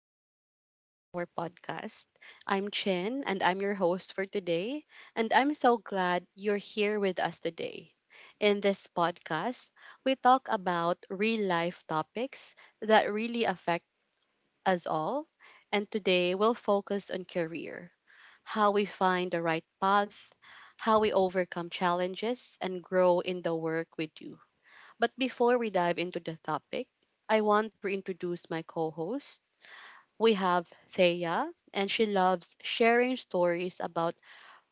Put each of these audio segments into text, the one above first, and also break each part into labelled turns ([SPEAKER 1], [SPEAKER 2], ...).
[SPEAKER 1] and welcome back to our podcast. I'm Chin, and I'm your host for today, and I'm so glad you're here with us today. In this podcast, we talk about real life topics that really affect us all, and today we'll focus on career, how we find the right path, how we overcome challenges, and grow in the work we do. But before we dive into the topic, I want to introduce my co host. We have Thea, and she loves sharing stories about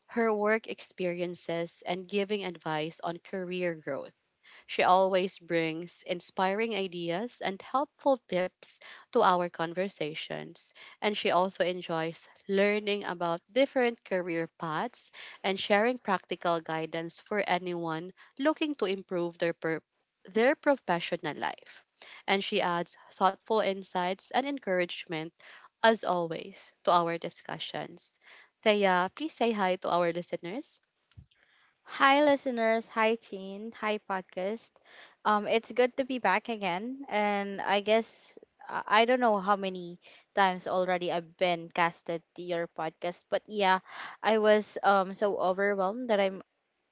[SPEAKER 1] her work experiences and giving advice on career growth. She always brings inspiring ideas and helpful tips to our conversations. And she also enjoys learning about different career paths and sharing practical guidance for anyone looking to improve their professional life. And she adds thoughtful insights and encouragement as always to our discussions. Thea, please say hi to our listeners.
[SPEAKER 2] Hi, listeners. Hi, Chin. Hi, podcast. It's good to be back again. And I guess I don't know how many times already I've been casted to your podcast, but yeah, I was so overwhelmed that I'm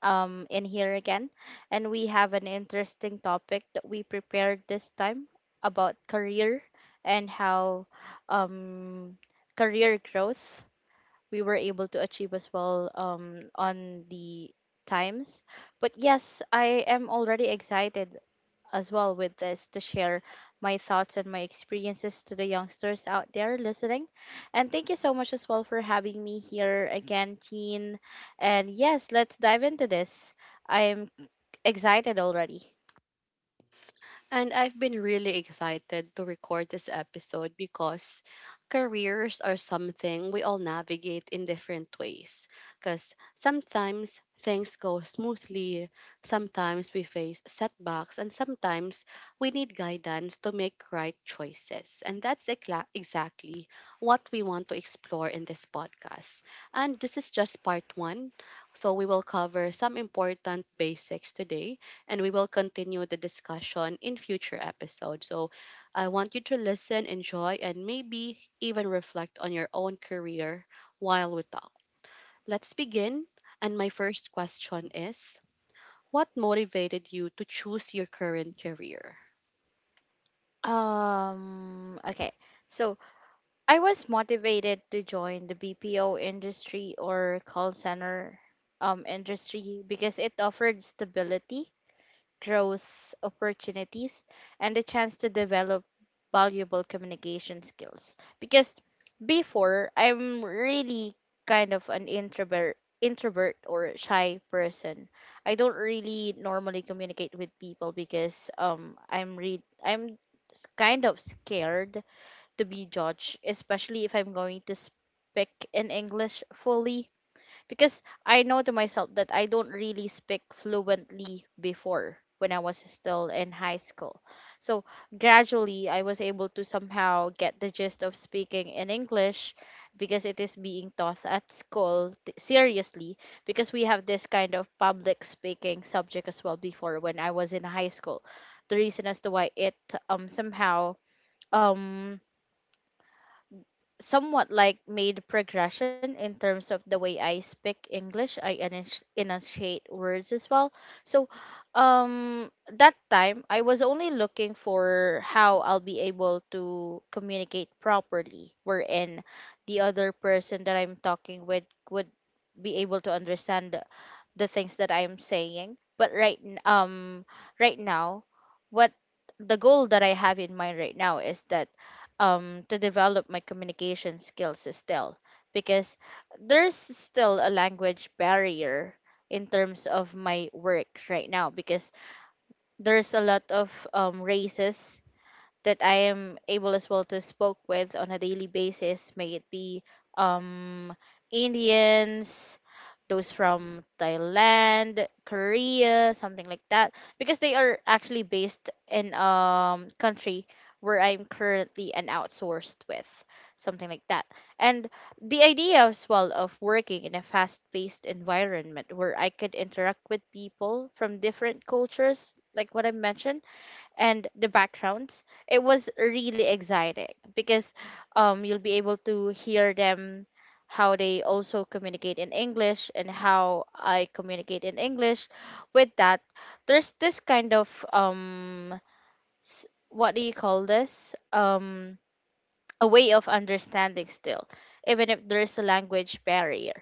[SPEAKER 2] in here again, and we have an interesting topic that we prepared this time about career and how um career growth we were able to achieve as well on the times. But yes, I am already excited as well with this to share my thoughts and my experiences to the youngsters out there listening. And thank you so much as well for having me here again, Teen. And yes, let's dive into this. I am excited already.
[SPEAKER 1] And I've been really excited to record this episode because careers are something we all navigate in different ways. Because sometimes things go smoothly, sometimes we face setbacks, and sometimes we need guidance to make right choices. And that's exactly what we want to explore in this podcast. And this is just part one. So we will cover some important basics today and we will continue the discussion in future episodes. So I want you to listen, enjoy, and maybe even reflect on your own career while we talk. Let's begin. And my first question is: what motivated you to choose your current career?
[SPEAKER 2] Um, okay. So I was motivated to join the BPO industry or call center industry because it offered stability, growth opportunities, and the chance to develop valuable communication skills. Because before, I'm really kind of an introvert or shy person. I don't really normally communicate with people because I'm kind of scared to be judged, especially if I'm going to speak in English fully. Because I know to myself that I don't really speak fluently before when I was still in high school. So gradually, I was able to somehow get the gist of speaking in English because it is being taught at school seriously because we have this kind of public speaking subject as well before when I was in high school. The reason as to why it somehow um somewhat like made progression in terms of the way I speak English. I enunciate words as well. So, that time I was only looking for how I'll be able to communicate properly, wherein the other person that I'm talking with would be able to understand the things that I am saying. But right now, what the goal that I have in mind right now is that to develop my communication skills still because there's still a language barrier in terms of my work right now because there's a lot of races that I am able as well to spoke with on a daily basis, may it be um Indians, those from Thailand, Korea, something like that, because they are actually based in country where I'm currently an outsourced with, something like that. And the idea as well of working in a fast-paced environment where I could interact with people from different cultures, like what I mentioned, and the backgrounds, it was really exciting because you'll be able to hear them how they also communicate in English and how I communicate in English. With that, there's this kind of um what do you call this? A way of understanding still, even if there's a language barrier.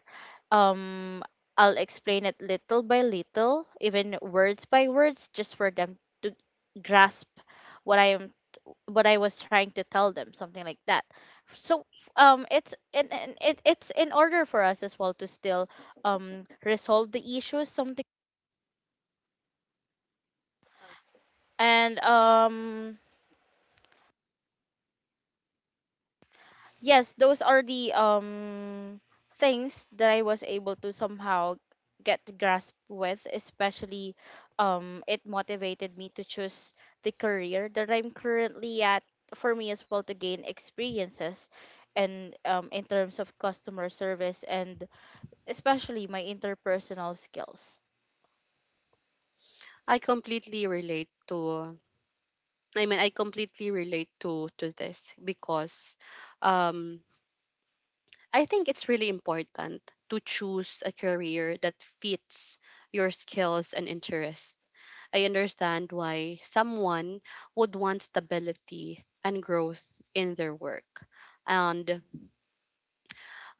[SPEAKER 2] um I'll explain it little by little, even words by words, just for them to grasp what I am, what I was trying to tell them, something like that. So it's and it, it's in order for us as well to still resolve the issues, something and Yes, those are the things that I was able to somehow get to grasp with, especially it motivated me to choose the career that I'm currently at, for me as well to gain experiences and in terms of customer service, and especially my interpersonal skills.
[SPEAKER 1] I completely relate to. I completely relate to this because, um, I think it's really important to choose a career that fits your skills and interests. I understand why someone would want stability and growth in their work. And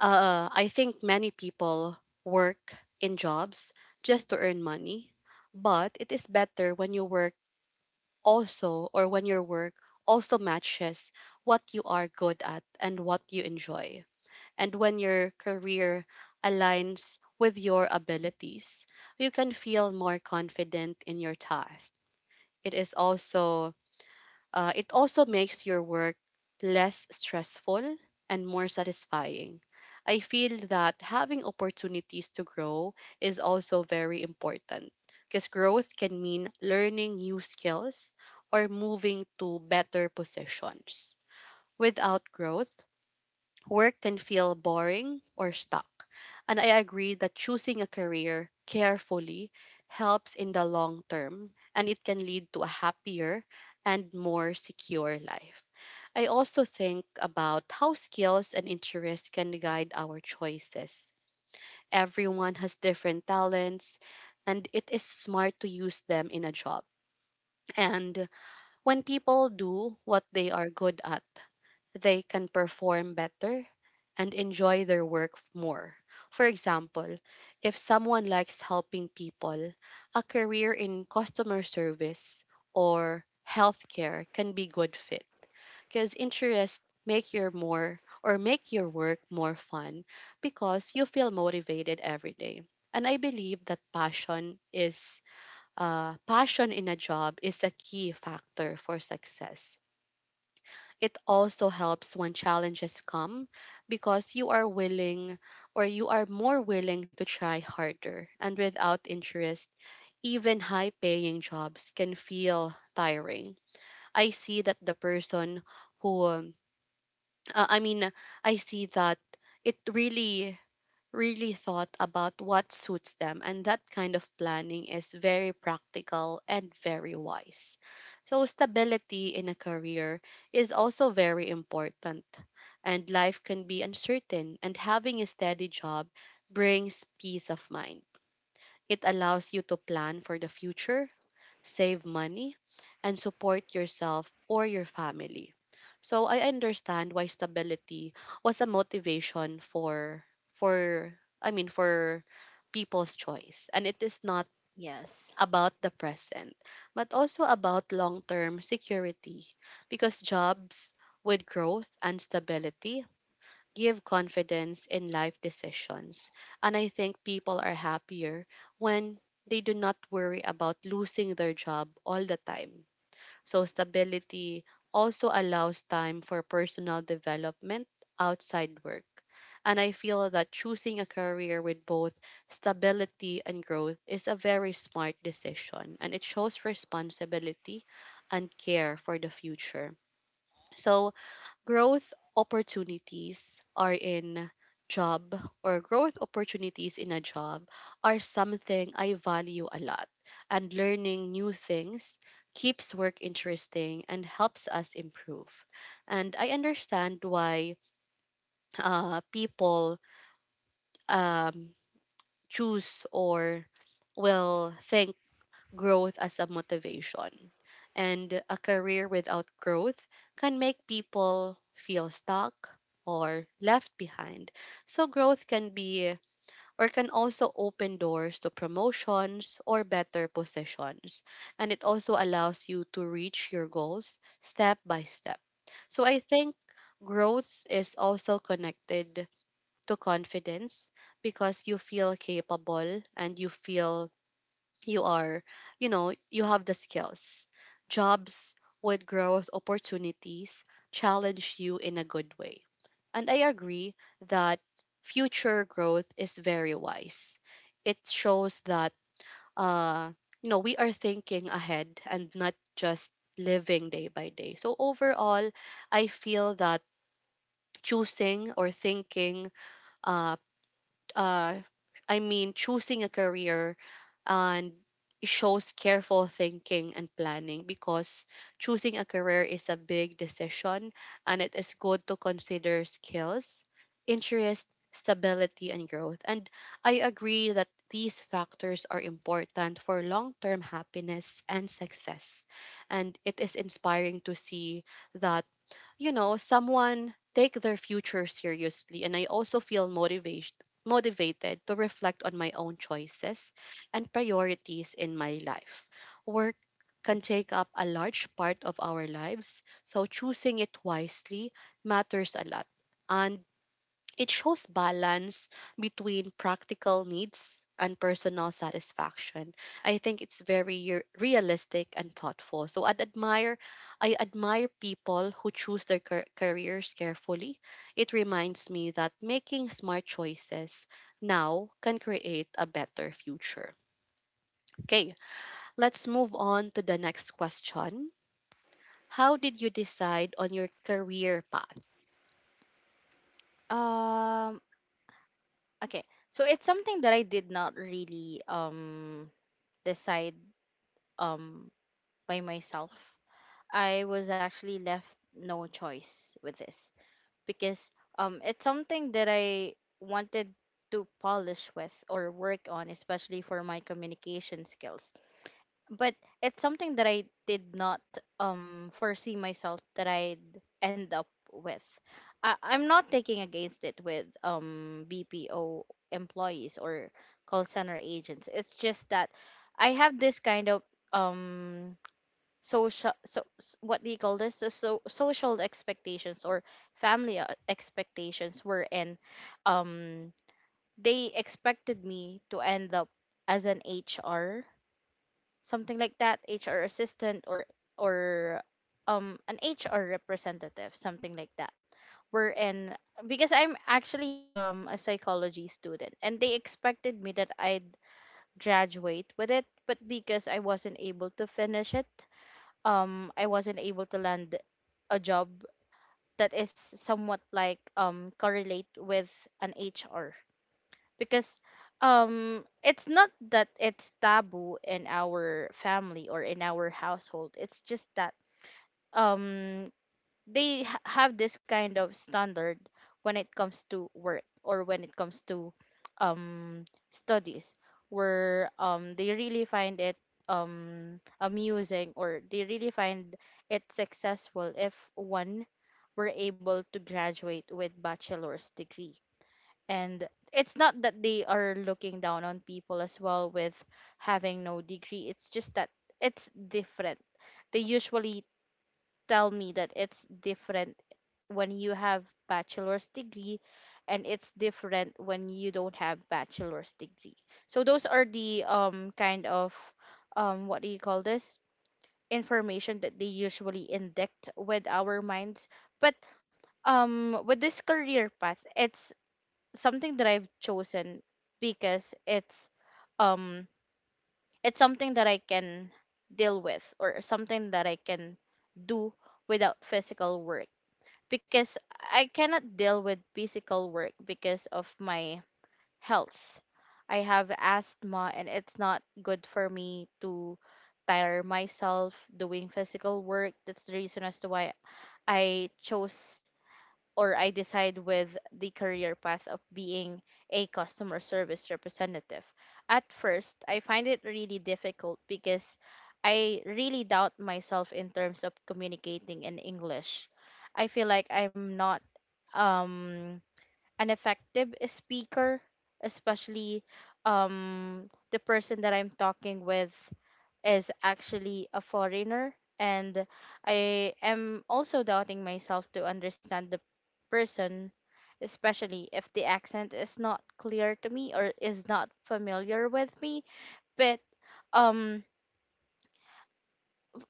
[SPEAKER 1] I think many people work in jobs just to earn money, but it is better when you work also, or when your work also matches what you are good at and what you enjoy, and when your career aligns with your abilities, you can feel more confident in your task. It is also it also makes your work less stressful and more satisfying. I feel that having opportunities to grow is also very important because growth can mean learning new skills or moving to better positions. Without growth, work can feel boring or stuck, and I agree that choosing a career carefully helps in the long term and it can lead to a happier and more secure life. I also think about how skills and interests can guide our choices. Everyone has different talents, and it is smart to use them in a job. And when people do what they are good at, they can perform better and enjoy their work more. For example, if someone likes helping people, a career in customer service or healthcare can be good fit because interests make your more or make your work more fun because you feel motivated every day. And I believe that passion in a job is a key factor for success. It also helps when challenges come because you are willing, or you are more willing to try harder. And without interest, even high paying jobs can feel tiring. I see that the person who, I mean, I see that it really, really thought about what suits them. And that kind of planning is very practical and very wise. So, stability in a career is also very important, and life can be uncertain, and having a steady job brings peace of mind. It allows you to plan for the future, save money, and support yourself or your family. So I understand why stability was a motivation for I mean for people's choice, and it is not
[SPEAKER 2] yes
[SPEAKER 1] about the present but also about long-term security, because jobs with growth and stability give confidence in life decisions. And I think people are happier when they do not worry about losing their job all the time. So, stability also allows time for personal development outside work. And I feel that choosing a career with both stability and growth is a very smart decision, and it shows responsibility and care for the future. So, growth opportunities are in job growth opportunities in a job are something I value a lot. And learning new things keeps work interesting and helps us improve. And I understand why people um, choose or will think growth as a motivation. And a career without growth can make people feel stuck or left behind. So, growth can be or can also open doors to promotions or better positions. And it also allows you to reach your goals step by step. So, I think growth is also connected to confidence because you feel capable and you feel you are, you know, you have the skills. Jobs with growth opportunities challenge you in a good way. And I agree that future growth is very wise. It shows that, uh, you know, we are thinking ahead and not just living day by day. So overall, I feel that choosing or thinking, uh, uh, I mean, choosing a career and shows careful thinking and planning, because choosing a career is a big decision and it is good to consider skills, interest, stability, and growth. And I agree that these factors are important for long term happiness and success. And it is inspiring to see that, you know, someone take their future seriously. And I also feel motivated to reflect on my own choices and priorities in my life. Work can take up a large part of our lives, so choosing it wisely matters a lot. And it shows balance between practical needs and personal satisfaction. I think it's very realistic and thoughtful. So I admire people who choose their careers carefully. It reminds me that making smart choices now can create a better future. Okay, let's move on to the next question. How did you decide on your career path?
[SPEAKER 2] um okay, so it's something that I did not really decide um by myself. I was actually left no choice with this because it's something that I wanted to polish with or work on, especially for my communication skills. But it's something that I did not foresee myself that I'd end up with. I'm not taking against it with BPO employees or call center agents. It's just that I have this kind of um what do you call this? So social expectations or family expectations were in um they expected me to end up as an HR, something like that, HR assistant or an HR representative, something like that, we're in because I'm actually a psychology student, and they expected me that I'd graduate with it. But because I wasn't able to finish it, I wasn't able to land a job that is somewhat like correlate with an HR. Because it's not that it's taboo in our family or in our household, it's just that um they have this kind of standard when it comes to work or when it comes to um studies, where they really find it amusing, or they really find it successful if one were able to graduate with bachelor's degree. And it's not that they are looking down on people as well with having no degree, it's just that it's different. They usually tell me that it's different when you have bachelor's degree, and it's different when you don't have bachelor's degree. So those are the kind of what do you call this? Information that they usually inject with our minds. But with this career path, it's something that I've chosen because um it's something that I can deal with, or something that I can do without physical work, because I cannot deal with physical work because of my health. I have asthma, and it's not good for me to tire myself doing physical work. That's the reason as to why I chose or I decide with the career path of being a customer service representative. At first, I find it really difficult because I really doubt myself in terms of communicating in English. I feel like I'm not um an effective speaker, especially the person that I'm talking with is actually a foreigner, and I am also doubting myself to understand the person, especially if the accent is not clear to me or is not familiar with me. But um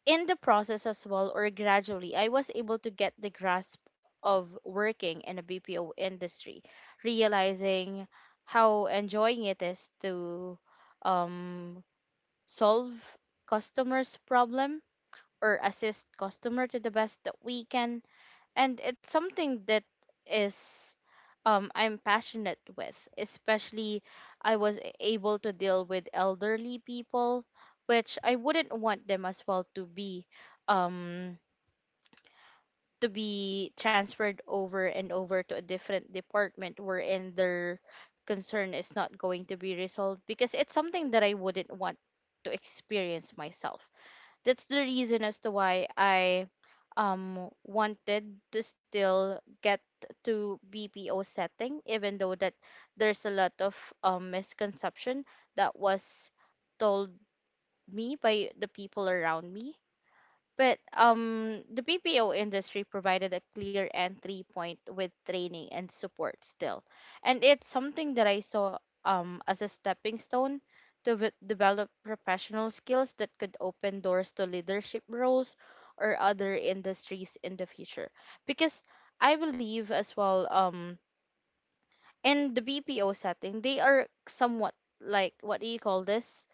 [SPEAKER 2] in the process as well, or gradually, I was able to get the grasp of working in a BPO industry, realizing how enjoying it is to um, solve customers problem or assist customer to the best that we can. And it's something that is I'm passionate with. Especially I was able to deal with elderly people, which I wouldn't want them as well um to be transferred over and over to a different department wherein their concern is not going to be resolved, because it's something that I wouldn't want to experience myself. That's the reason as to why I wanted to still get to BPO setting, even though that there's a lot of misconception that was told me by the people around me. But the BPO industry provided a clear entry point with training and support still. And it's something that I saw as a stepping stone to develop professional skills that could open doors to leadership roles or other industries in the future. Because I believe as well in the BPO setting, they are somewhat like what do you call this?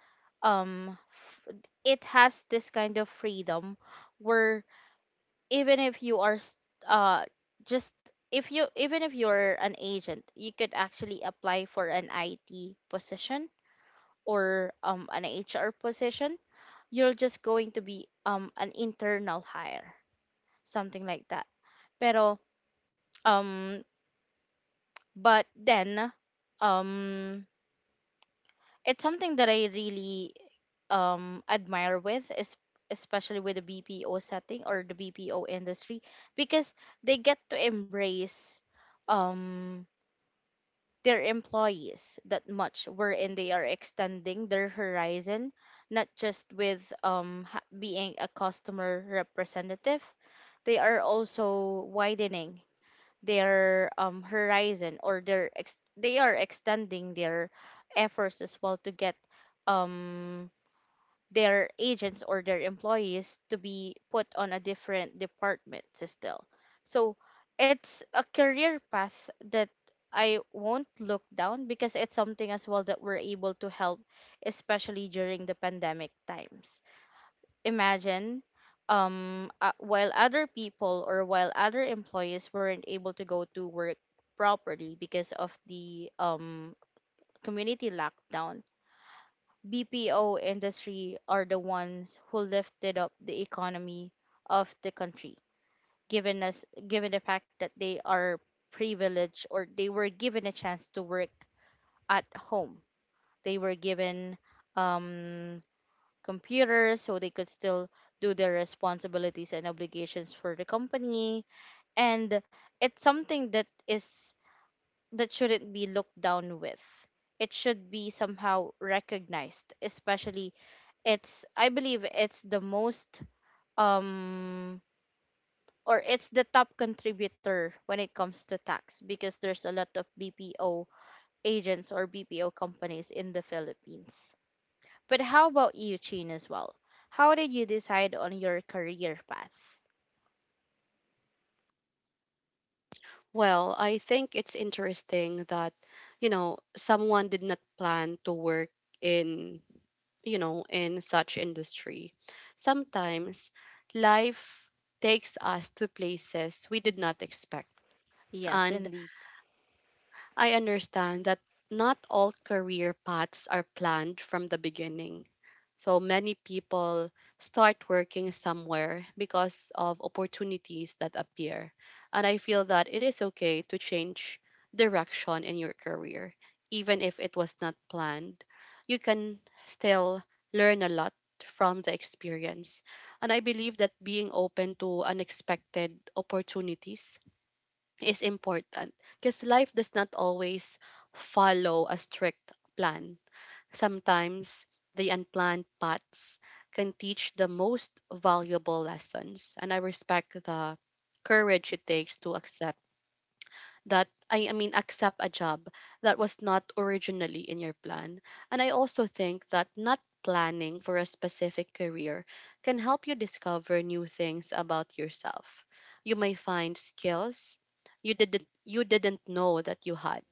[SPEAKER 2] Um, f- it has this kind of freedom where even if you are s- uh just if you, even if you're an agent, you could actually apply for an IT position or an HR position. You're just going to be an internal hire, something like that. Pero um but then um it's something that I really admire with is, especially with the BPO setting or the BPO industry, because they get to embrace um their employees that much, wherein they are extending their horizon, not just with being a customer representative. They are also widening their horizon, or their they are extending their efforts as well to get um, their agents or their employees to be put on a different department still. So it's a career path that I won't look down, because it's something as well that we're able to help, especially during the pandemic times. Imagine, while other people or while other employees weren't able to go to work properly because of the community lockdown, BPO industry are the ones who lifted up the economy of the country, given us, given the fact that they are privileged, or they were given a chance to work at home. They were given um computers so they could still do their responsibilities and obligations for the company. And it's something that is, that shouldn't be looked down with. It should be somehow recognized, especially it's, I believe it's the most um or it's the top contributor when it comes to tax, because there's a lot of BPO agents or BPO companies in the Philippines. But how about you, Chin, as well? How did you decide on your career path?
[SPEAKER 1] Well, I think it's interesting that, you know, someone did not plan to work in, you know, in such industry. Sometimes life takes us to places we did not expect.
[SPEAKER 2] Yes,
[SPEAKER 1] And
[SPEAKER 2] indeed.
[SPEAKER 1] I understand that not all career paths are planned from the beginning. So many people start working somewhere because of opportunities that appear. And I feel that it is okay to change direction in your career, even if it was not planned. You can still learn a lot from the experience. And I believe that being open to unexpected opportunities is important because life does not always follow a strict plan. Sometimes the unplanned paths can teach the most valuable lessons, and I respect the courage it takes to accept that I mean accept a job that was not originally in your plan. And I also think that not planning for a specific career can help you discover new things about yourself. You may find skills you didn't know that you had.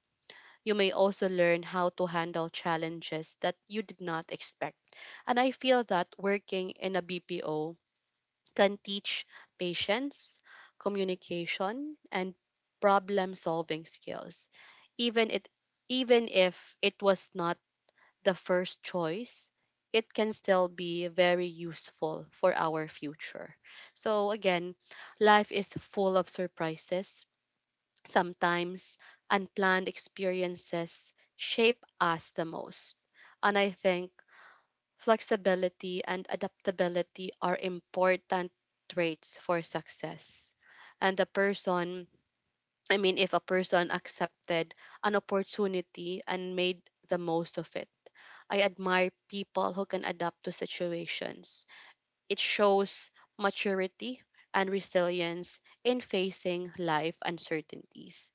[SPEAKER 1] You may also learn how to handle challenges that you did not expect. And I feel that working in a BPO can teach patience, communication, and problem solving skills. Even it Even if it was not the first choice, it can still be very useful for our future. So again, life is full of surprises. Sometimes unplanned experiences shape us the most. And I think flexibility and adaptability are important traits for success. And the person, I mean, if a person accepted an opportunity and made the most of it, I admire people who can adapt to situations. It shows maturity and resilience in facing life uncertainties.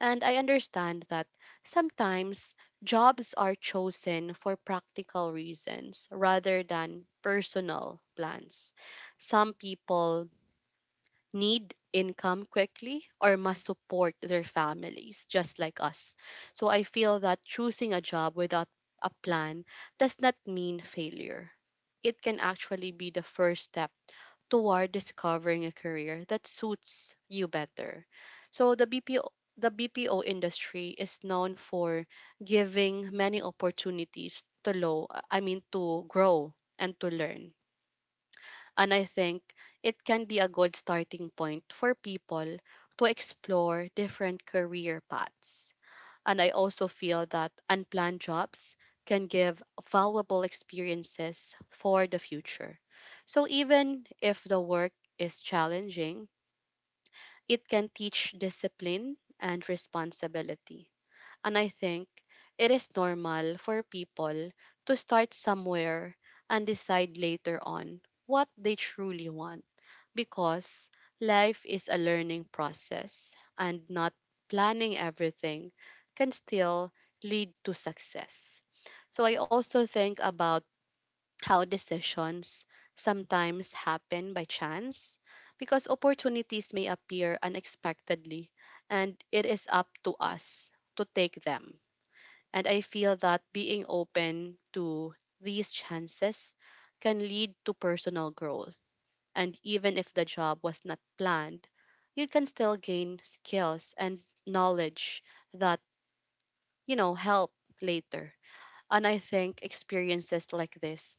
[SPEAKER 1] And I understand that sometimes jobs are chosen for practical reasons rather than personal plans. Some people need income quickly or must support their families, just like us. So I feel that choosing a job without a plan does not mean failure. It can actually be the first step toward discovering a career that suits you better. So the BPO industry is known for giving many opportunities to low I mean to grow and to learn. And I think it can be a good starting point for people to explore different career paths. And I also feel that unplanned jobs can give valuable experiences for the future. So even if the work is challenging, it can teach discipline and responsibility. And I think it is normal for people to start somewhere and decide later on what they truly want, because life is a learning process and not planning everything can still lead to success. So I also think about how decisions sometimes happen by chance because opportunities may appear unexpectedly and it is up to us to take them. And I feel that being open to these chances can lead to personal growth, and even if the job was not planned, you can still gain skills and knowledge that, you know, help later. And I think experiences like this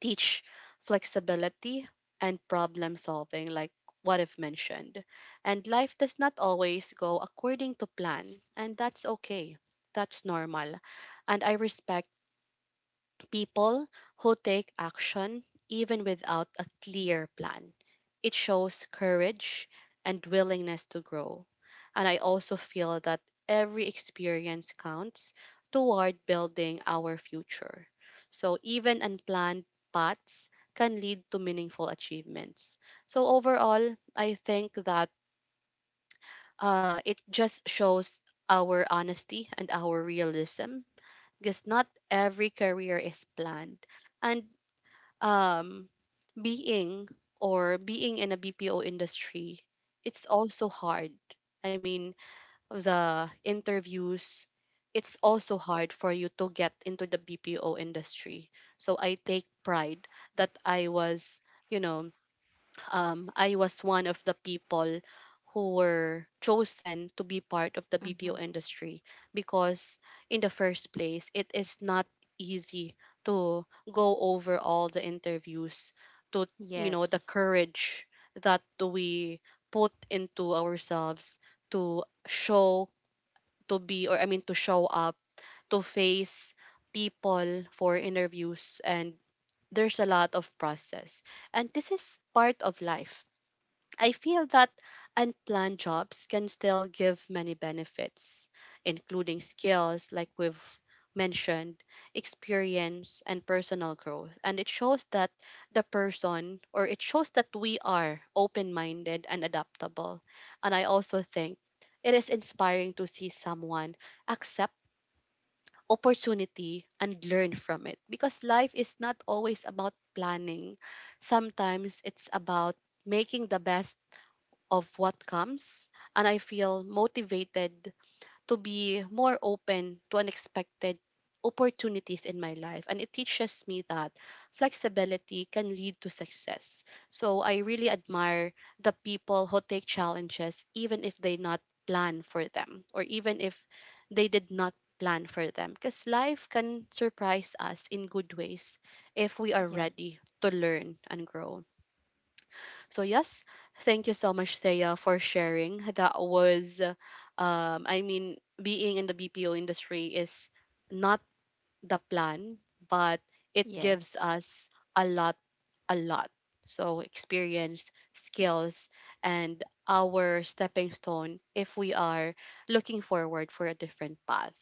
[SPEAKER 1] teach flexibility and problem solving, like what I've mentioned. And life does not always go according to plan, and that's okay. That's normal. And I respect people who take action even without a clear plan. It shows courage and willingness to grow. And I also feel that every experience counts toward building our future. So even unplanned paths can lead to meaningful achievements. So overall, I think that it just shows our honesty and our realism because not every career is planned. And um, being or being in a BPO industry, it's also hard. I mean, the interviews, it's also hard for you to get into the BPO industry. So I take pride that you know, I was one of the people who were chosen to be part of the
[SPEAKER 2] Mm-hmm.
[SPEAKER 1] BPO industry because, in the first place, it is not easy to go over all the interviews, to, you know, the
[SPEAKER 2] Yes,
[SPEAKER 1] courage that we put into ourselves to show, to be, or I mean, to show up, to face people for interviews and there's a lot of process and this is part of life. I feel that unplanned jobs can still give many benefits, including skills like we've mentioned, experience, and personal growth. And it shows that the person, or it shows that we are open minded and adaptable. And I also think it is inspiring to see someone accept opportunity and learn from it because life is not always about planning. Sometimes it's about making the best of what comes, and I feel motivated to be more open to unexpected opportunities in my life. And it teaches me that flexibility can lead to success. So I really admire the people who take challenges, even if they not plan for them, or even if they did not plan for them, because life can surprise us in good ways if we are ready
[SPEAKER 2] yes,
[SPEAKER 1] to learn and grow. So yes, thank you so much, Thea, for sharing. That was, I mean, being in the BPO industry is not the plan, but it gives
[SPEAKER 2] yes.
[SPEAKER 1] us a lot, a lot. So experience, skills, and our stepping stone if we are looking forward for a different path.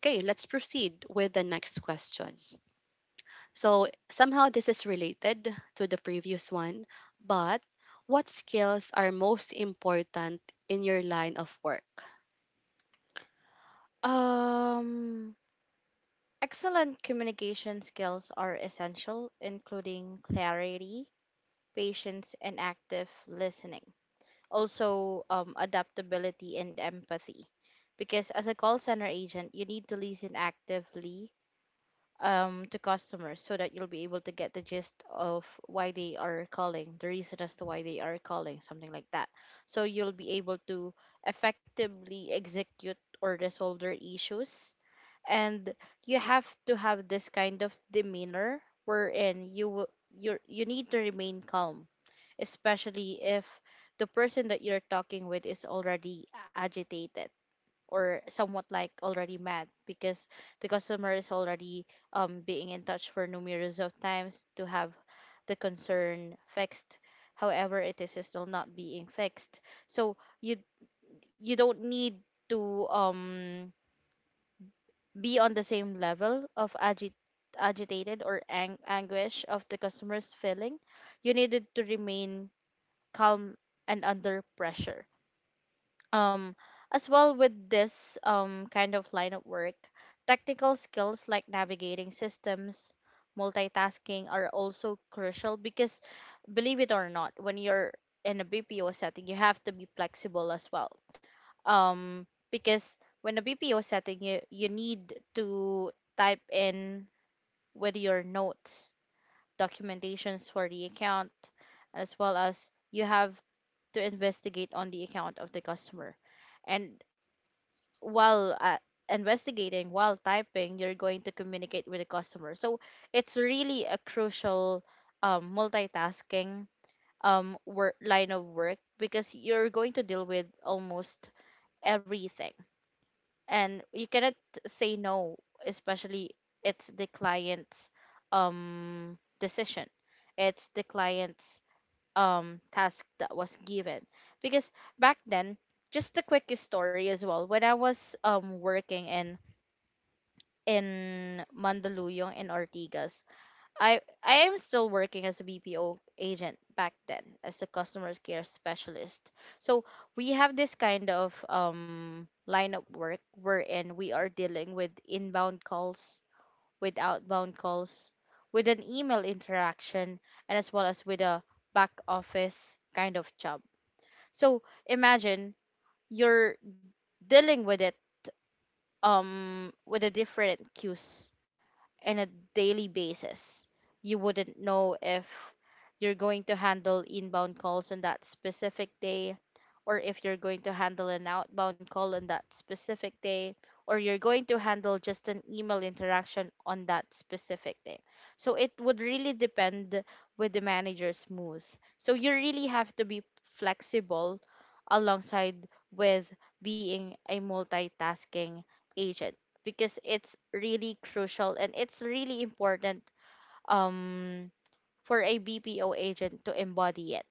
[SPEAKER 1] Okay, let's proceed with the next question. So somehow this is related to the previous one, but what skills are most important in your line of work?
[SPEAKER 2] Um, Excellent communication skills are essential, including clarity, patience, and active listening. Also, adaptability and empathy. Because as a call center agent, you need to listen actively to customers so that you'll be able to get the gist of why they are calling, the reason as to why they are calling, something like that. So you'll be able to effectively execute or resolve their issues. And you have to have this kind of demeanor wherein you will- you need to remain calm, especially if the person that you're talking with is already agitated or somewhat like already mad because the customer is already being in touch for numerous of times to have the concern fixed, however it is still not being fixed. So you don't need to be on the same level of agitated or anguish of the customer's feeling. You needed to remain calm and under pressure, um as well with this kind of line of work. Technical skills like navigating systems, multitasking are also crucial because believe it or not, when you're in a BPO setting you have to be flexible as well, um because when a BPO setting you need to type in with your notes, documentations for the account, as well as you have to investigate on the account of the customer. And while investigating, while typing, you're going to communicate with the customer, so it's really a crucial multitasking work, line of work, because you're going to deal with almost everything and you cannot say no, especially it's the client's decision, it's the client's task that was given. Because back then, just a quick story as well, when I was working in Mandaluyong and Ortigas. I am still working as a BPO agent back then as a customer care specialist. So we have this kind of line of work wherein we are dealing with inbound calls, with outbound calls, with an email interaction, and as well as with a back office kind of job. So imagine you're dealing with it with the different queues in a daily basis. You wouldn't know if you're going to handle inbound calls on that specific day, or if you're going to handle an outbound call on that specific day, or you're going to handle just an email interaction on that specific day. So it would really depend with the manager's mood. So you really have to be flexible alongside with being a multitasking agent, because it's really crucial and it's really important um for a BPO agent to embody it.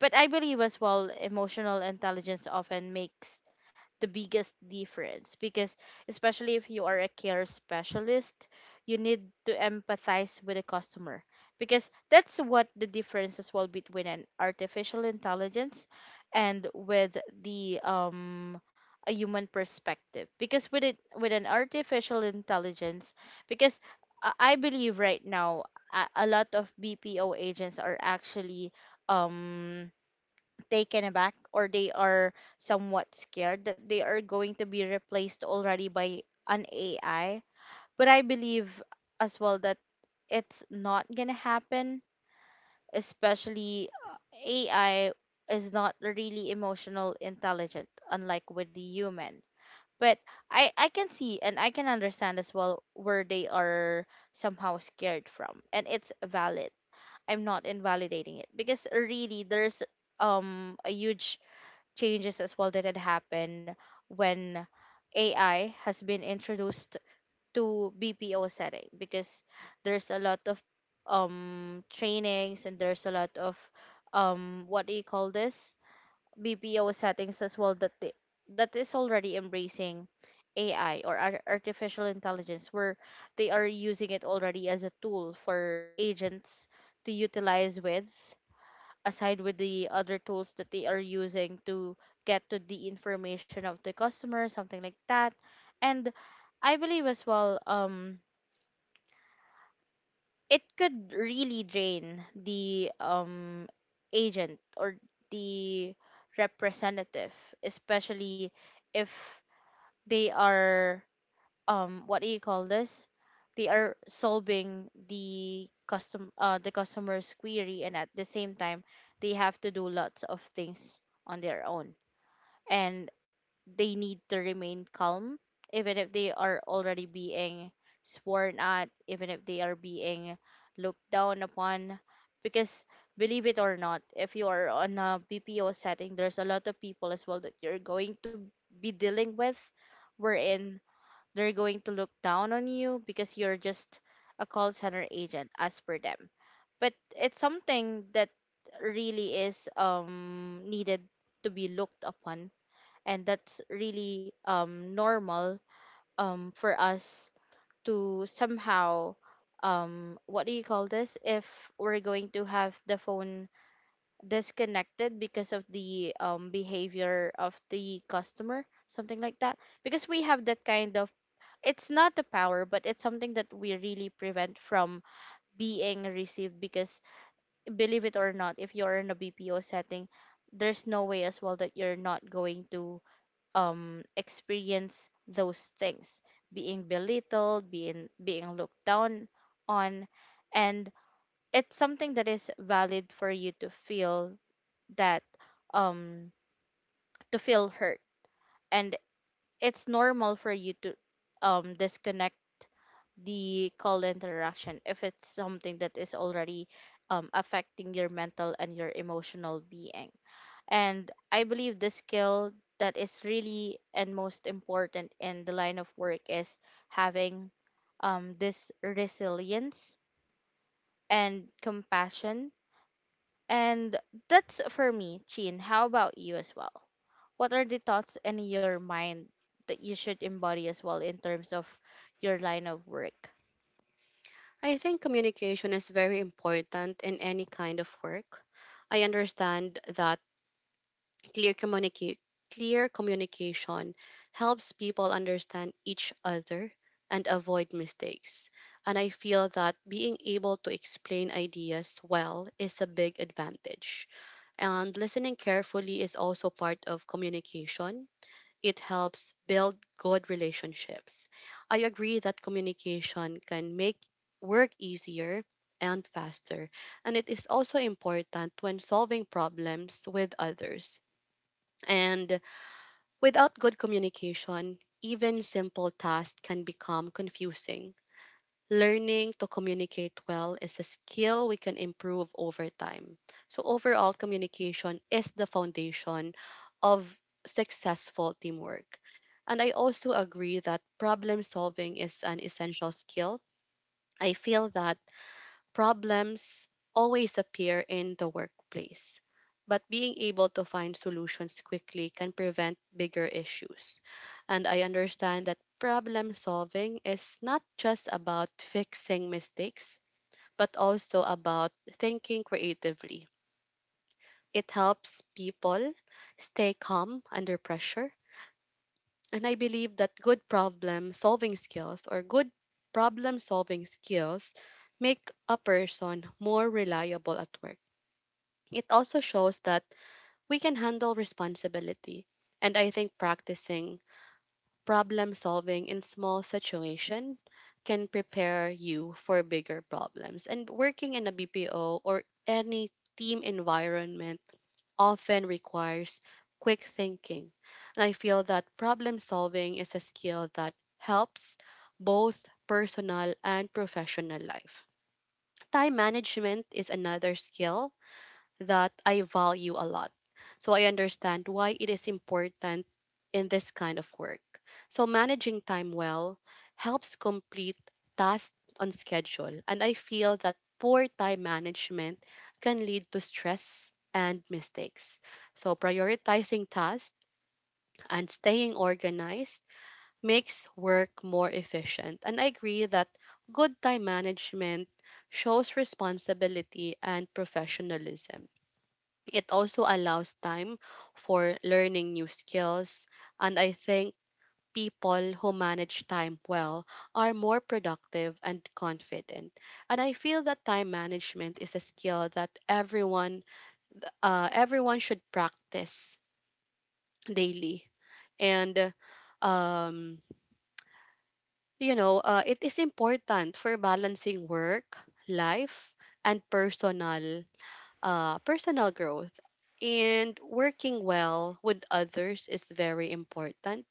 [SPEAKER 2] But I believe as well, emotional intelligence often makes the biggest difference, because especially if you are a care specialist, you need to empathize with the customer, because that's what the difference as well between an artificial intelligence and with the a human perspective. Because with it, with an artificial intelligence, because I believe right now, a lot of BPO agents are actually um taken aback, or they are somewhat scared that they are going to be replaced already by an AI. But I believe as well that it's not gonna happen, especially AI is not really emotional intelligent, unlike with the human. But I can see and I can understand as well where they are somehow scared from. And it's valid. I'm not invalidating it, because really there's a huge changes as well that had happened when AI has been introduced to BPO setting, because there's a lot of trainings and there's a lot of what do you call this, BPO settings as well that they, that is already embracing AI or artificial intelligence, where they are using it already as a tool for agents to utilize with, aside with the other tools that they are using to get to the information of the customer, something like that. And I believe as well, it could really drain the agent or the representative, especially if they are, what do you call this, they are solving the custom the customer's query, and at the same time they have to do lots of things on their own. And they need to remain calm even if they are already being sworn at, even if they are being looked down upon. Because believe it or not, if you are on a BPO setting there's a lot of people as well that you're going to be dealing with, wherein they're going to look down on you because you're just a call center agent as per them. But it's something that really is needed to be looked upon, and that's really normal for us to somehow, what do you call this, if we're going to have the phone disconnected because of the behavior of the customer, something like that. Because we have that kind of, it's not a power, but it's something that we really prevent from being received. Because believe it or not, if you're in a BPO setting there's no way as well that you're not going to experience those things, being belittled, being looked down on. And it's something that is valid for you to feel, that um to feel hurt. And it's normal for you to disconnect the call interaction if it's something that is already affecting your mental and your emotional being. And I believe the skill that is really and most important in the line of work is having, this resilience and compassion. And that's for me, Chin. How about you as well? What are the thoughts in your mind that you should embody as well in terms of your line of work?
[SPEAKER 1] I think communication is very important in any kind of work. I understand that clear communica- clear communication helps people understand each other and avoid mistakes. And I feel that being able to explain ideas well is a big advantage. And listening carefully is also part of communication. It helps build good relationships. I agree that communication can make work easier and faster. And it is also important when solving problems with others. And without good communication, even simple tasks can become confusing. Learning to communicate well is a skill we can improve over time. So, overall, communication is the foundation of successful teamwork. And I also agree that problem solving is an essential skill. I feel that problems always appear in the workplace, but being able to find solutions quickly can prevent bigger issues. And I understand that problem solving is not just about fixing mistakes, but also about thinking creatively. It helps people stay calm under pressure. And I believe that good problem solving skills make a person more reliable at work. It also shows that we can handle responsibility. And I think practicing problem solving in small situations can prepare you for bigger problems. And working in a BPO or any team environment often requires quick thinking. And I feel that problem solving is a skill that helps both personal and professional life. Time management is another skill that I value a lot. So I understand why it is important in this kind of work. So managing time well helps complete tasks on schedule, and I feel that poor time management can lead to stress and mistakes. So prioritizing tasks and staying organized makes work more efficient. And I agree that good time management shows responsibility and professionalism. It also allows time for learning new skills, and I think people who manage time well are more productive and confident. And I feel that time management is a skill that everyone should practice daily. And um, it is important for balancing work, life, and personal growth and working well with others is very important.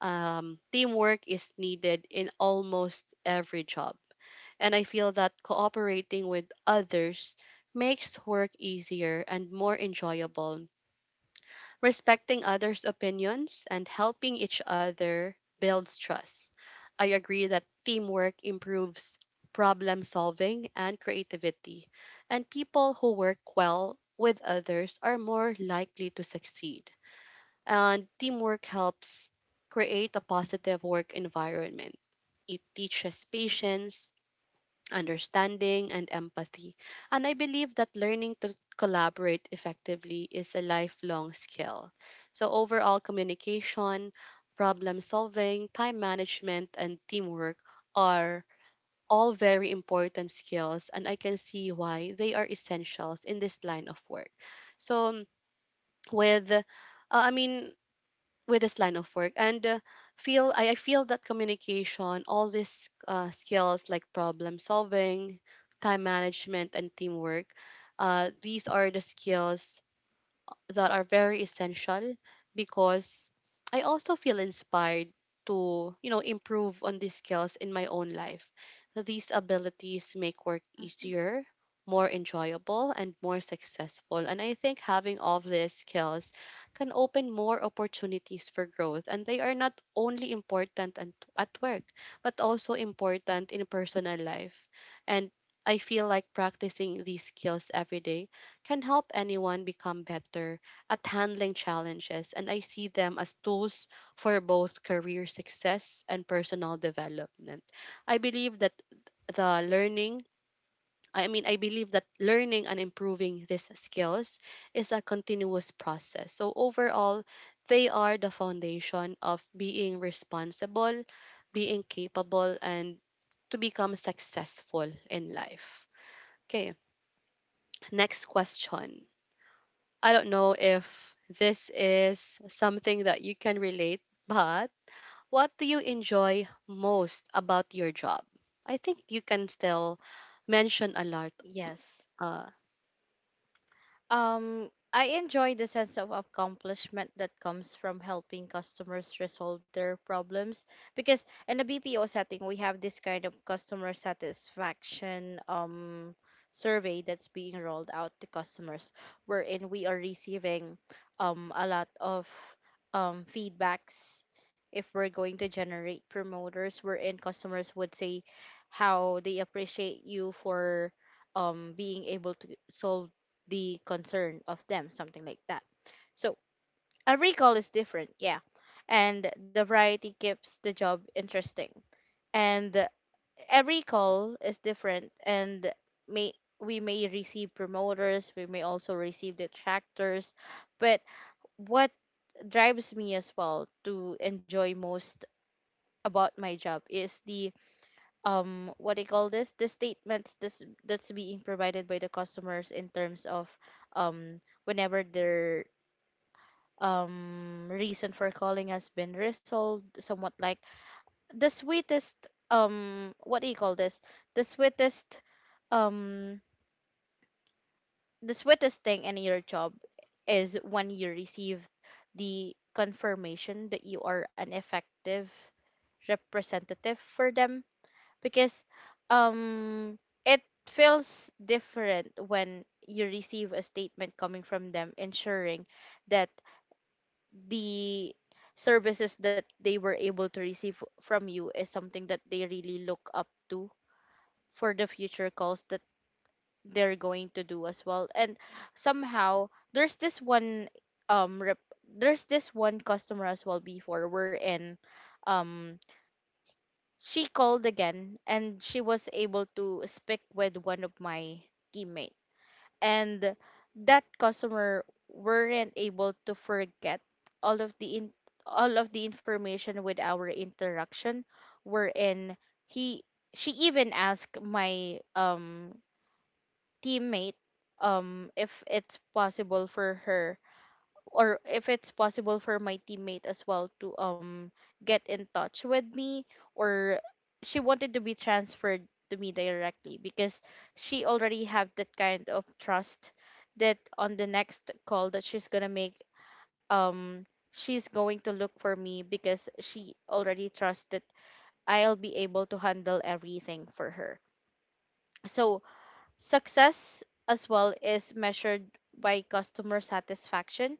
[SPEAKER 1] Teamwork is needed in almost every job. And I feel that cooperating with others makes work easier and more enjoyable. Respecting others' opinions and helping each other builds trust. I agree that teamwork improves problem solving and creativity, and people who work well with others are more likely to succeed. And teamwork helps create a positive work environment. It teaches patience, understanding, and empathy. And I believe that learning to collaborate effectively is a lifelong skill. So, overall, communication, problem solving, time management, and teamwork are all very important skills, and I can see why they are essentials in this line of work. So, with uh, I mean, with this line of work and I feel that communication, all these skills like problem solving, time management and teamwork, these are the skills that are very essential because I also feel inspired to, you know, improve on these skills in my own life. These abilities make work
[SPEAKER 2] Mhm.
[SPEAKER 1] easier, more enjoyable, and more successful. And I think having all of these skills can open more opportunities for growth. And they are not only important and at work, but also important in personal life. And I feel like practicing these skills every day can help anyone become better at handling challenges, and I see them as tools for both career success and personal development. I believe that the learning I believe that learning and improving these skills is a continuous process. So, overall, they are the foundation of being responsible, being capable, and to become successful in life. Okay, next question. I don't know if this is something that you can relate, but what do you enjoy most about your job? I think you can still mention a lot.
[SPEAKER 2] Yes.
[SPEAKER 1] Uh,
[SPEAKER 2] I enjoy the sense of accomplishment that comes from helping customers resolve their problems, because in a BPO setting, we have this kind of customer satisfaction survey that's being rolled out to customers, wherein we are receiving a lot of feedbacks if we're going to generate promoters, wherein customers would say how they appreciate you for being able to solve the concern of them, something like that. So a recall is different, yeah. And the variety keeps the job interesting. And a recall is different, and may, we may receive promoters, we may also receive detractors. But what drives me as well to enjoy most about my job is the, what do you call this? The statements that's being provided by the customers in terms of whenever they're reason for calling has been resolved, somewhat like the sweetest, what do you call this, the sweetest um the sweetest thing in your job is when you receive the confirmation that you are an effective representative for them. Because um it feels different when you receive a statement coming from them, ensuring that the services that they were able to receive from you is something that they really look up to for the future calls that they're going to do as well. And somehow, there's this one there's this one customer as well before, we're in, um she called again and she was able to speak with one of my teammates. And that customer weren't able to forget all of the in, all of the information with our interaction, wherein he she even asked my teammate, if it's possible for her, or if it's possible for my teammate as well to get in touch with me, or she wanted to be transferred to me directly, because she already have that kind of trust that on the next call that she's going to make, um she's going to look for me, because she already trusts that I'll be able to handle everything for her. So success as well is measured by customer satisfaction,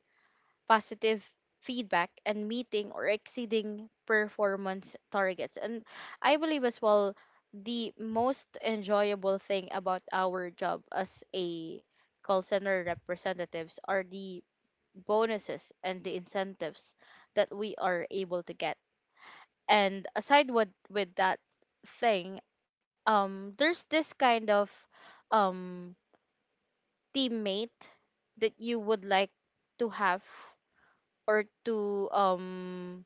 [SPEAKER 2] positive feedback, and meeting or exceeding performance targets. And I believe as well the most enjoyable thing about our job as a call center representatives are the bonuses and the incentives that we are able to get. And aside with that thing, there's this kind of um teammate that you would like to have, or to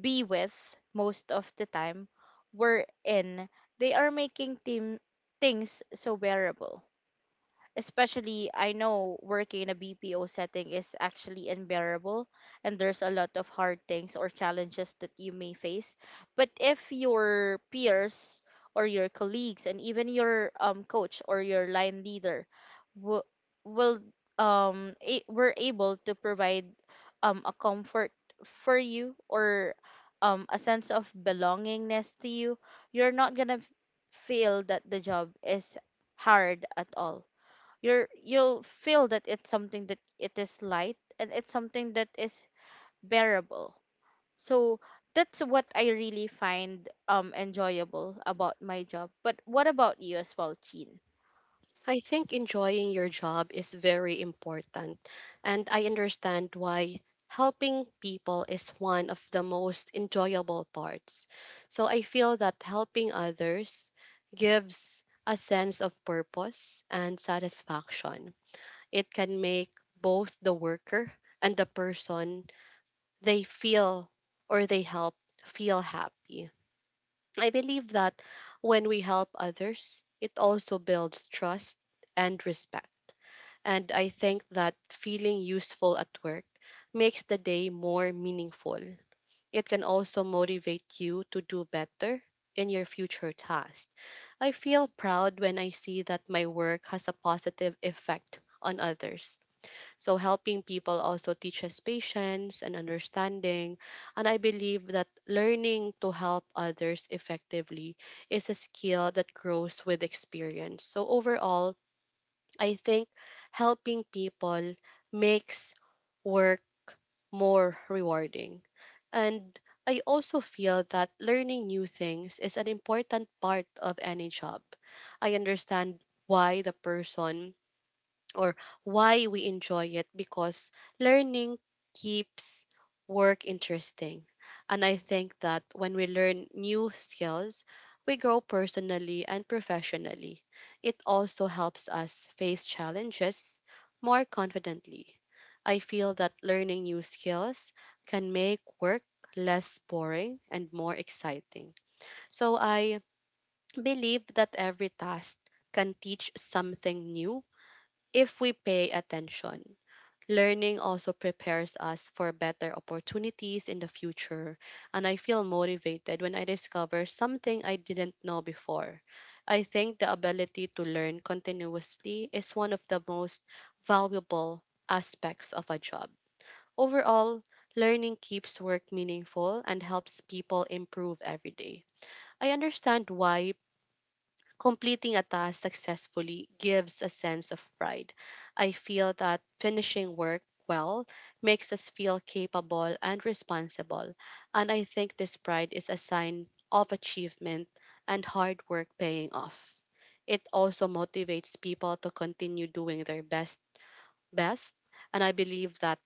[SPEAKER 2] be with most of the time, we're in, they are making team things so bearable. Especially, I know working in a BPO setting is actually unbearable, and there's a lot of hard things or challenges that you may face. But if your peers or your colleagues and even your coach or your line leader w- will were able to provide a comfort for you, or a sense of belongingness to you, you're not gonna feel that the job is hard at all. You're you'll feel that it's something that it is light and it's something that is bearable. So that's what I really find enjoyable about my job. But what about you as well, Chin?
[SPEAKER 1] I think enjoying your job is very important, and I understand why helping people is one of the most enjoyable parts. So I feel that helping others gives a sense of purpose and satisfaction. It can make both the worker and the person they feel or they help feel happy. I believe that when we help others, it also builds trust and respect. And I think that feeling useful at work makes the day more meaningful. It can also motivate you to do better in your future tasks. I feel proud when I see that my work has a positive effect on others, so helping people also teaches patience and understanding. And I believe that learning to help others effectively is a skill that grows with experience. So overall, I think helping people makes work more rewarding. And I also feel that learning new things is an important part of any job. I understand why the person or why we enjoy it because learning keeps work interesting. And I think that when we learn new skills, we grow personally and professionally. It also helps us face challenges more confidently. I feel that learning new skills can make work less boring and more exciting. So I believe that every task can teach something new if we pay attention. Learning also prepares us for better opportunities in the future, and I feel motivated when I discover something I didn't know before. I think the ability to learn continuously is one of the most valuable aspects of a job. Overall, learning keeps work meaningful and helps people improve every day. I understand why completing a task successfully gives a sense of pride. I feel that finishing work well makes us feel capable and responsible, and I think this pride is a sign of achievement and hard work paying off. It also motivates people to continue doing their best, and I believe that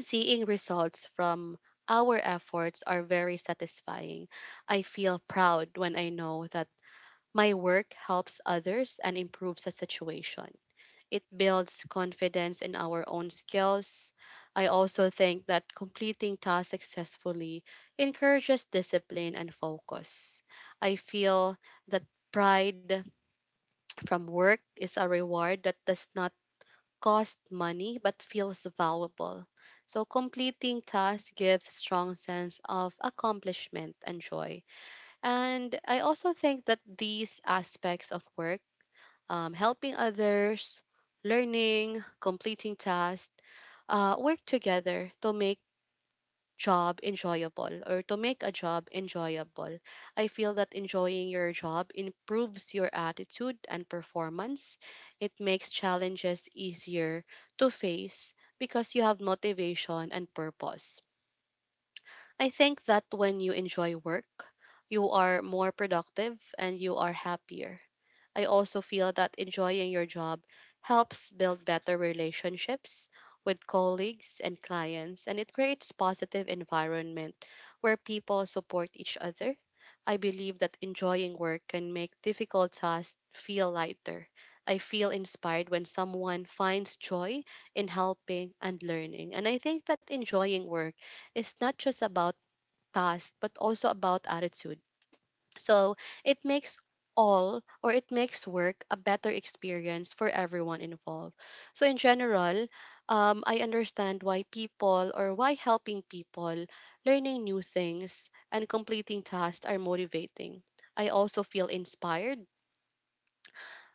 [SPEAKER 1] seeing results from our efforts are very satisfying. I feel proud when I know that my work helps others and improves the situation. It builds confidence in our own skills. I also think that completing tasks successfully encourages discipline and focus. I feel that pride from work is a reward that does not cost money but feels valuable. So, completing tasks gives a strong sense of accomplishment and joy. And I also think that these aspects of work, helping others, learning, completing tasks, work together to make a job enjoyable. I feel that enjoying your job improves your attitude and performance. It makes challenges easier to face because you have motivation and purpose. I think that when you enjoy work, you are more productive and you are happier. I also feel that enjoying your job helps build better relationships with colleagues and clients, and it creates positive environment where people support each other. I believe that enjoying work can make difficult tasks feel lighter. I feel inspired when someone finds joy in helping and learning. And I think that enjoying work is not just about tasks but also about attitude, so it makes work a better experience for everyone involved. So in general, I understand why helping people, learning new things, and completing tasks are motivating. I also feel inspired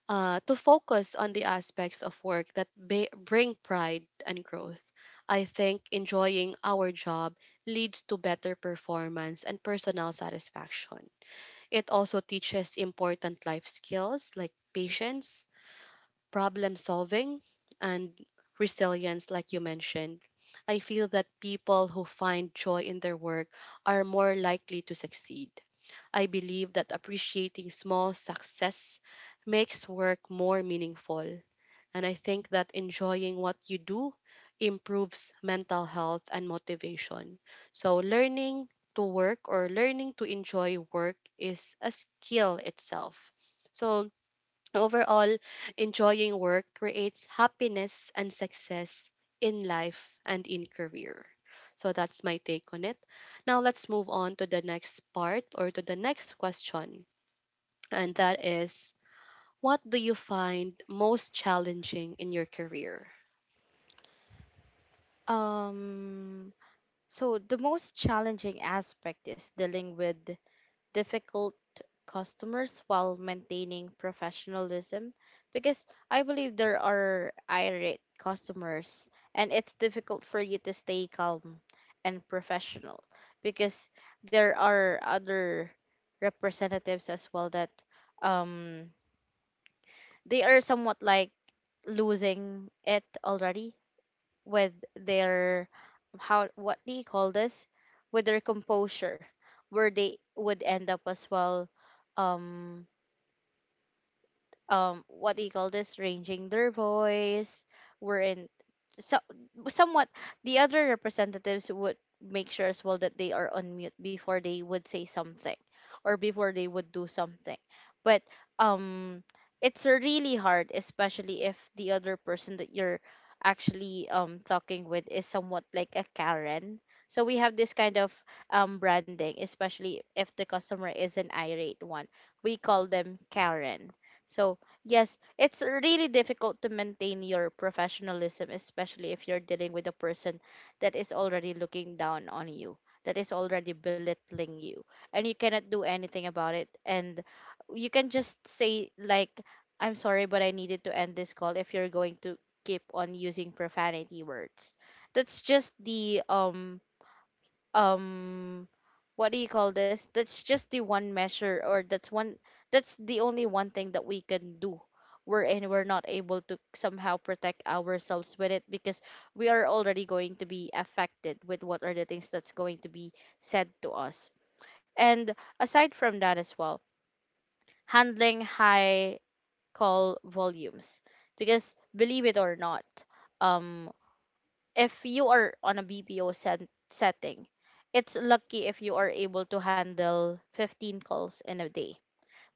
[SPEAKER 1] to focus on the aspects of work that bring pride and growth. I think enjoying our job leads to better performance and personal satisfaction. It also teaches important life skills like patience, problem solving, and resilience, like you mentioned. I feel that people who find joy in their work are more likely to succeed. I believe that appreciating small success makes work more meaningful. And I think that enjoying what you do improves mental health and motivation. So, learning to enjoy work is a skill itself. So, overall, enjoying work creates happiness and success in life and in career. So, that's my take on it. Now, let's move on to the next part or to the next question. And that is, what do you find most challenging in your career?
[SPEAKER 2] Um So, the most challenging aspect is dealing with difficult customers while maintaining professionalism, because I believe there are irate customers and it's difficult for you to stay calm and professional. Because there are other representatives as well that, um they are somewhat like losing it already with their, how, what do you call this, with their composure, where they would end up as well, um what do you call this, ranging their voice. Wherein, so, somewhat, the other representatives would make sure as well that they are on mute before they would say something or before they would do something. But um it's really hard, especially if the other person that you're actually talking with is somewhat like a Karen. So we have this kind of branding, especially if the customer is an irate one, we call them Karen. So yes, it's really difficult to maintain your professionalism, especially if you're dealing with a person that is already looking down on you, that is already belittling you, and you cannot do anything about it. And you can just say, like, I'm sorry, but I needed to end this call if you're going to keep on using profanity words. That's just the um what do you call this? That's just the one measure, or that's one, that's the only one thing that we can do. Wherein we're not able to somehow protect ourselves with it, because we are already going to be affected with what are the things that's going to be said to us. And aside from that as well, handling high call volumes, because believe it or not, um, if you are on a BPO setting, it's lucky if you are able to handle 15 calls in a day.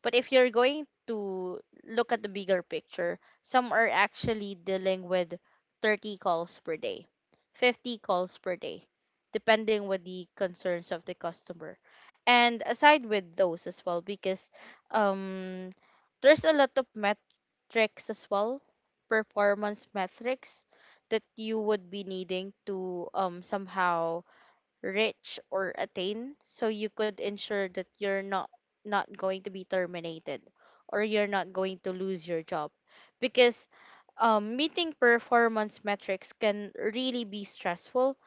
[SPEAKER 2] But if you're going to look at the bigger picture, some are actually dealing with 30 calls per day, 50 calls per day, depending with the concerns of the customer. And aside with those as well, because um, there's a lot of tricks as well, performance metrics that you would be needing to somehow reach or attain, so you could ensure that you're not going to be terminated or you're not going to lose your job. Because meeting performance metrics can really be stressful,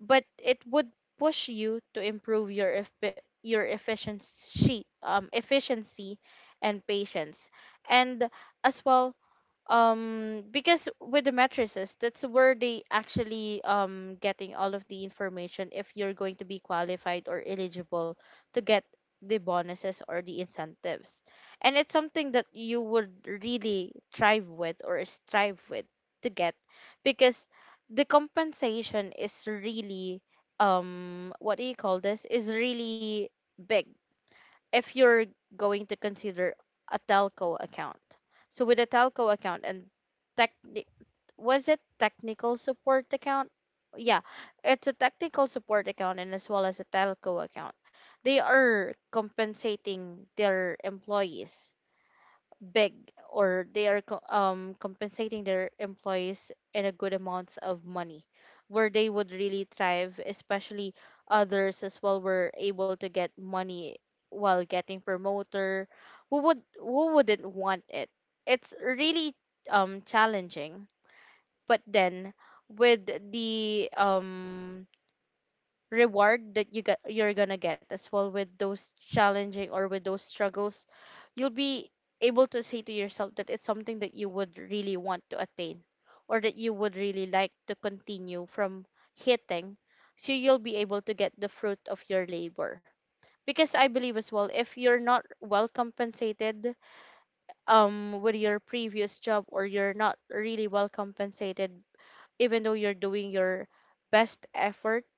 [SPEAKER 2] but it would push you to improve your efficiency and patience, and as well, because with the matrices, that's where they actually getting all of the information if you're going to be qualified or eligible to get the bonuses or the incentives. And it's something that you would really thrive with or strive with to get, because the compensation is really, what do you call this, is really big if you're going to consider a telco account. So with a telco account and tech, was it technical support account? Yeah, it's a technical support account, and as well as a telco account. They are compensating their employees big, or they are compensating their employees in a good amount of money, where they would really thrive. Especially others as well were able to get money while getting promoter. Who would, who wouldn't want it? It's really challenging, but then with the reward that you get, you're gonna get as well with those challenging or with those struggles. You'll be able to say to yourself that it's something that you would really want to attain, or that you would really like to continue from hitting, so you'll be able to get the fruit of your labor. Because I believe as well, if you're not well compensated with your previous job, or you're not really well compensated, even though you're doing your best effort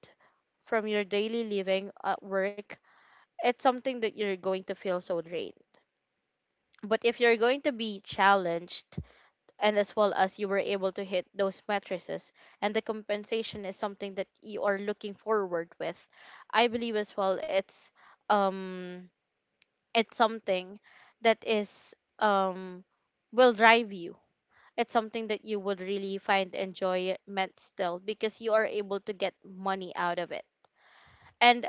[SPEAKER 2] from your daily living at work, it's something that you're going to feel so drained. But if you're going to be challenged, and as well as you were able to hit those matrices, and the compensation is something that you are looking forward with, I believe as well um it's something that is um will drive you. It's something that you would really find enjoyment still, because you are able to get money out of it. And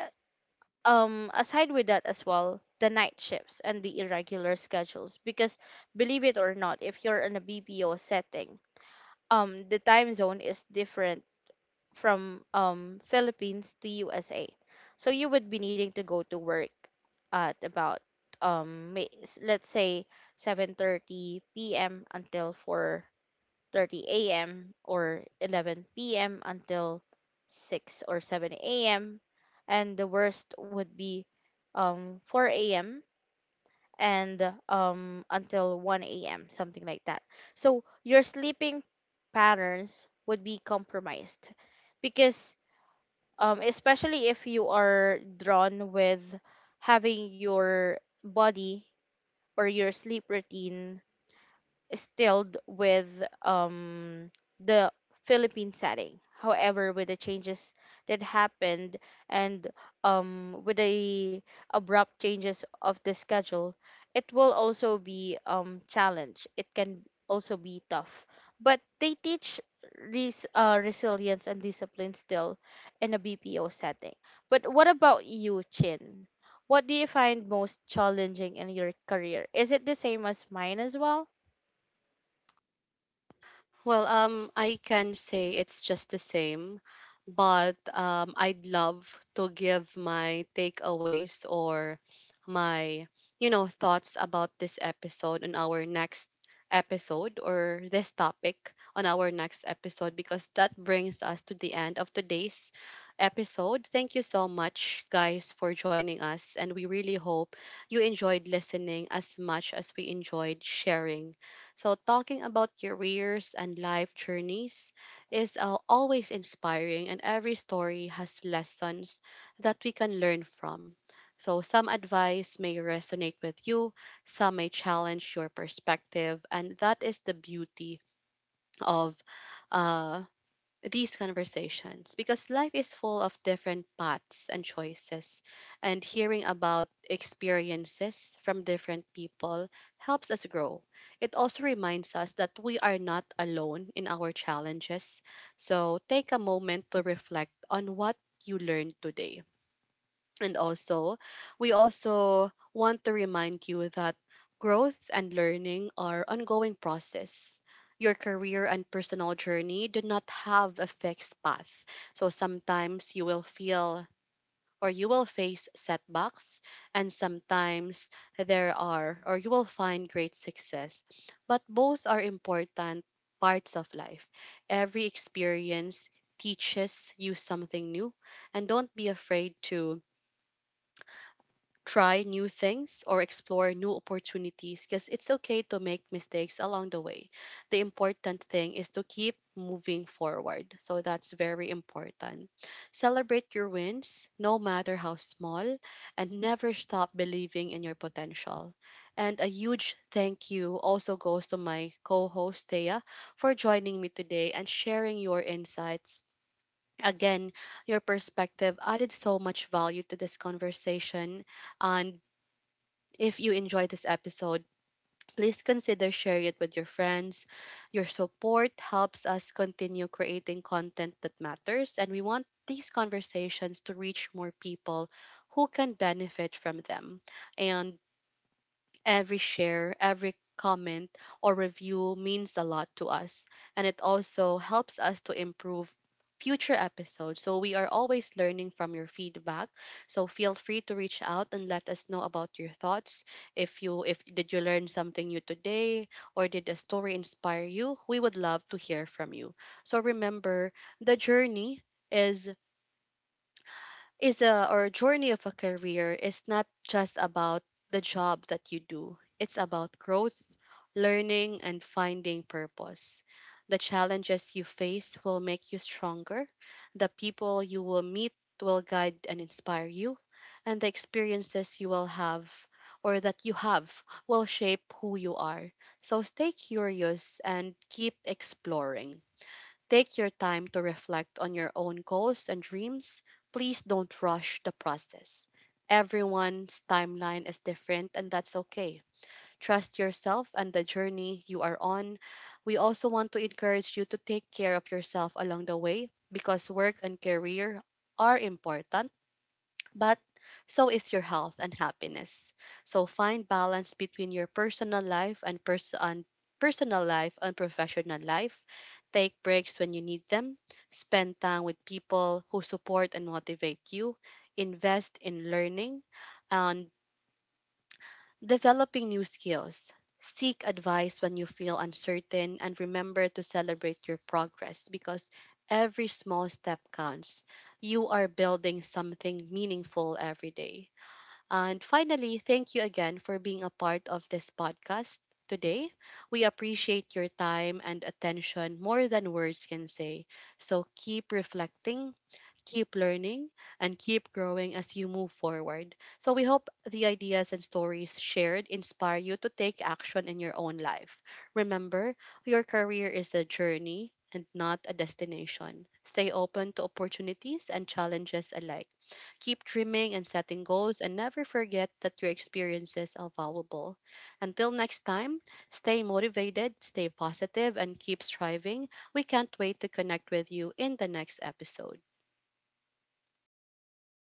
[SPEAKER 2] aside with that as well, the night shifts and the irregular schedules, because believe it or not, if you're in a BPO setting, the time zone is different from Philippines to USA. So you would be needing to go to work at about, let's say, 7:30 p.m. until 4:30 a.m., or 11 p.m. until 6 or 7 a.m. And the worst would be 4 a.m. and until 1 a.m., something like that. So your sleeping patterns would be compromised, because especially if you are drawn with having your body or your sleep routine stilled with um, the Philippine setting. However, with the changes that happened, and with the abrupt changes of the schedule, it will also be challenge. It can also be tough, but they teach resilience and discipline still in a BPO setting. But what about you, Chin? What do you find most challenging in your career? Is it the same as mine as well?
[SPEAKER 1] Well, I can say it's just the same, but I'd love to give my takeaways or my thoughts about this episode on our next episode, or this topic on our next episode, because that brings us to the end of today's episode. Thank you so much, guys, for joining us, and we really hope you enjoyed listening as much as we enjoyed sharing. So, talking about careers and life journeys is always inspiring, and every story has lessons that we can learn from. So, some advice may resonate with you, some may challenge your perspective, and that is the beauty of uh, these conversations, because life is full of different paths and choices, and hearing about experiences from different people helps us grow. It also reminds us that we are not alone in our challenges. So take a moment to reflect on what you learned today, and also, we also want to remind you that growth and learning are ongoing process. Your career and personal journey do not have a fixed path. So sometimes you will face setbacks, and sometimes there are or you will find great success. But both are important parts of life. Every experience teaches you something new, and don't be afraid to try new things or explore new opportunities, because it's okay to make mistakes along the way. The important thing is to keep moving forward. So that's very important. Celebrate your wins, no matter how small, and never stop believing in your potential. And a huge thank you also goes to my co host, Thea, for joining me today and sharing your insights. Again, your perspective added so much value to this conversation. And if you enjoyed this episode, please consider sharing it with your friends. Your support helps us continue creating content that matters, and we want these conversations to reach more people who can benefit from them. And every share, every comment or review means a lot to us, and it also helps us to improve future episodes. So we are always learning from your feedback. So feel free to reach out and let us know about your thoughts. If did you learn something new today, or did a story inspire you? We would love to hear from you. So remember, the journey is is a or journey of a career is not just about the job that you do. It's about growth, learning and finding purpose. The challenges you face will make you stronger. The people you will meet will guide and inspire you, and the experiences you will have or that you have will shape who you are. So stay curious and keep exploring. Take your time to reflect on your own goals and dreams. Please don't rush the process. Everyone's timeline is different, and that's okay. Trust yourself and the journey you are on. We also want to encourage you to take care of yourself along the way, because work and career are important, but so is your health and happiness. So find balance between your personal life and professional life. Take breaks when you need them. Spend time with people who support and motivate you. Invest in learning and developing new skills. Seek advice when you feel uncertain, and remember to celebrate your progress, because every small step counts. You are building something meaningful every day. And finally, thank you again for being a part of this podcast today. We appreciate your time and attention more than words can say. So keep reflecting, keep learning, and keep growing as you move forward. So we hope the ideas and stories shared inspire you to take action in your own life. Remember, your career is a journey and not a destination. Stay open to opportunities and challenges alike. Keep dreaming and setting goals, and never forget that your experiences are valuable. Until next time, stay motivated, stay positive, and keep striving. We can't wait to connect with you in the next episode.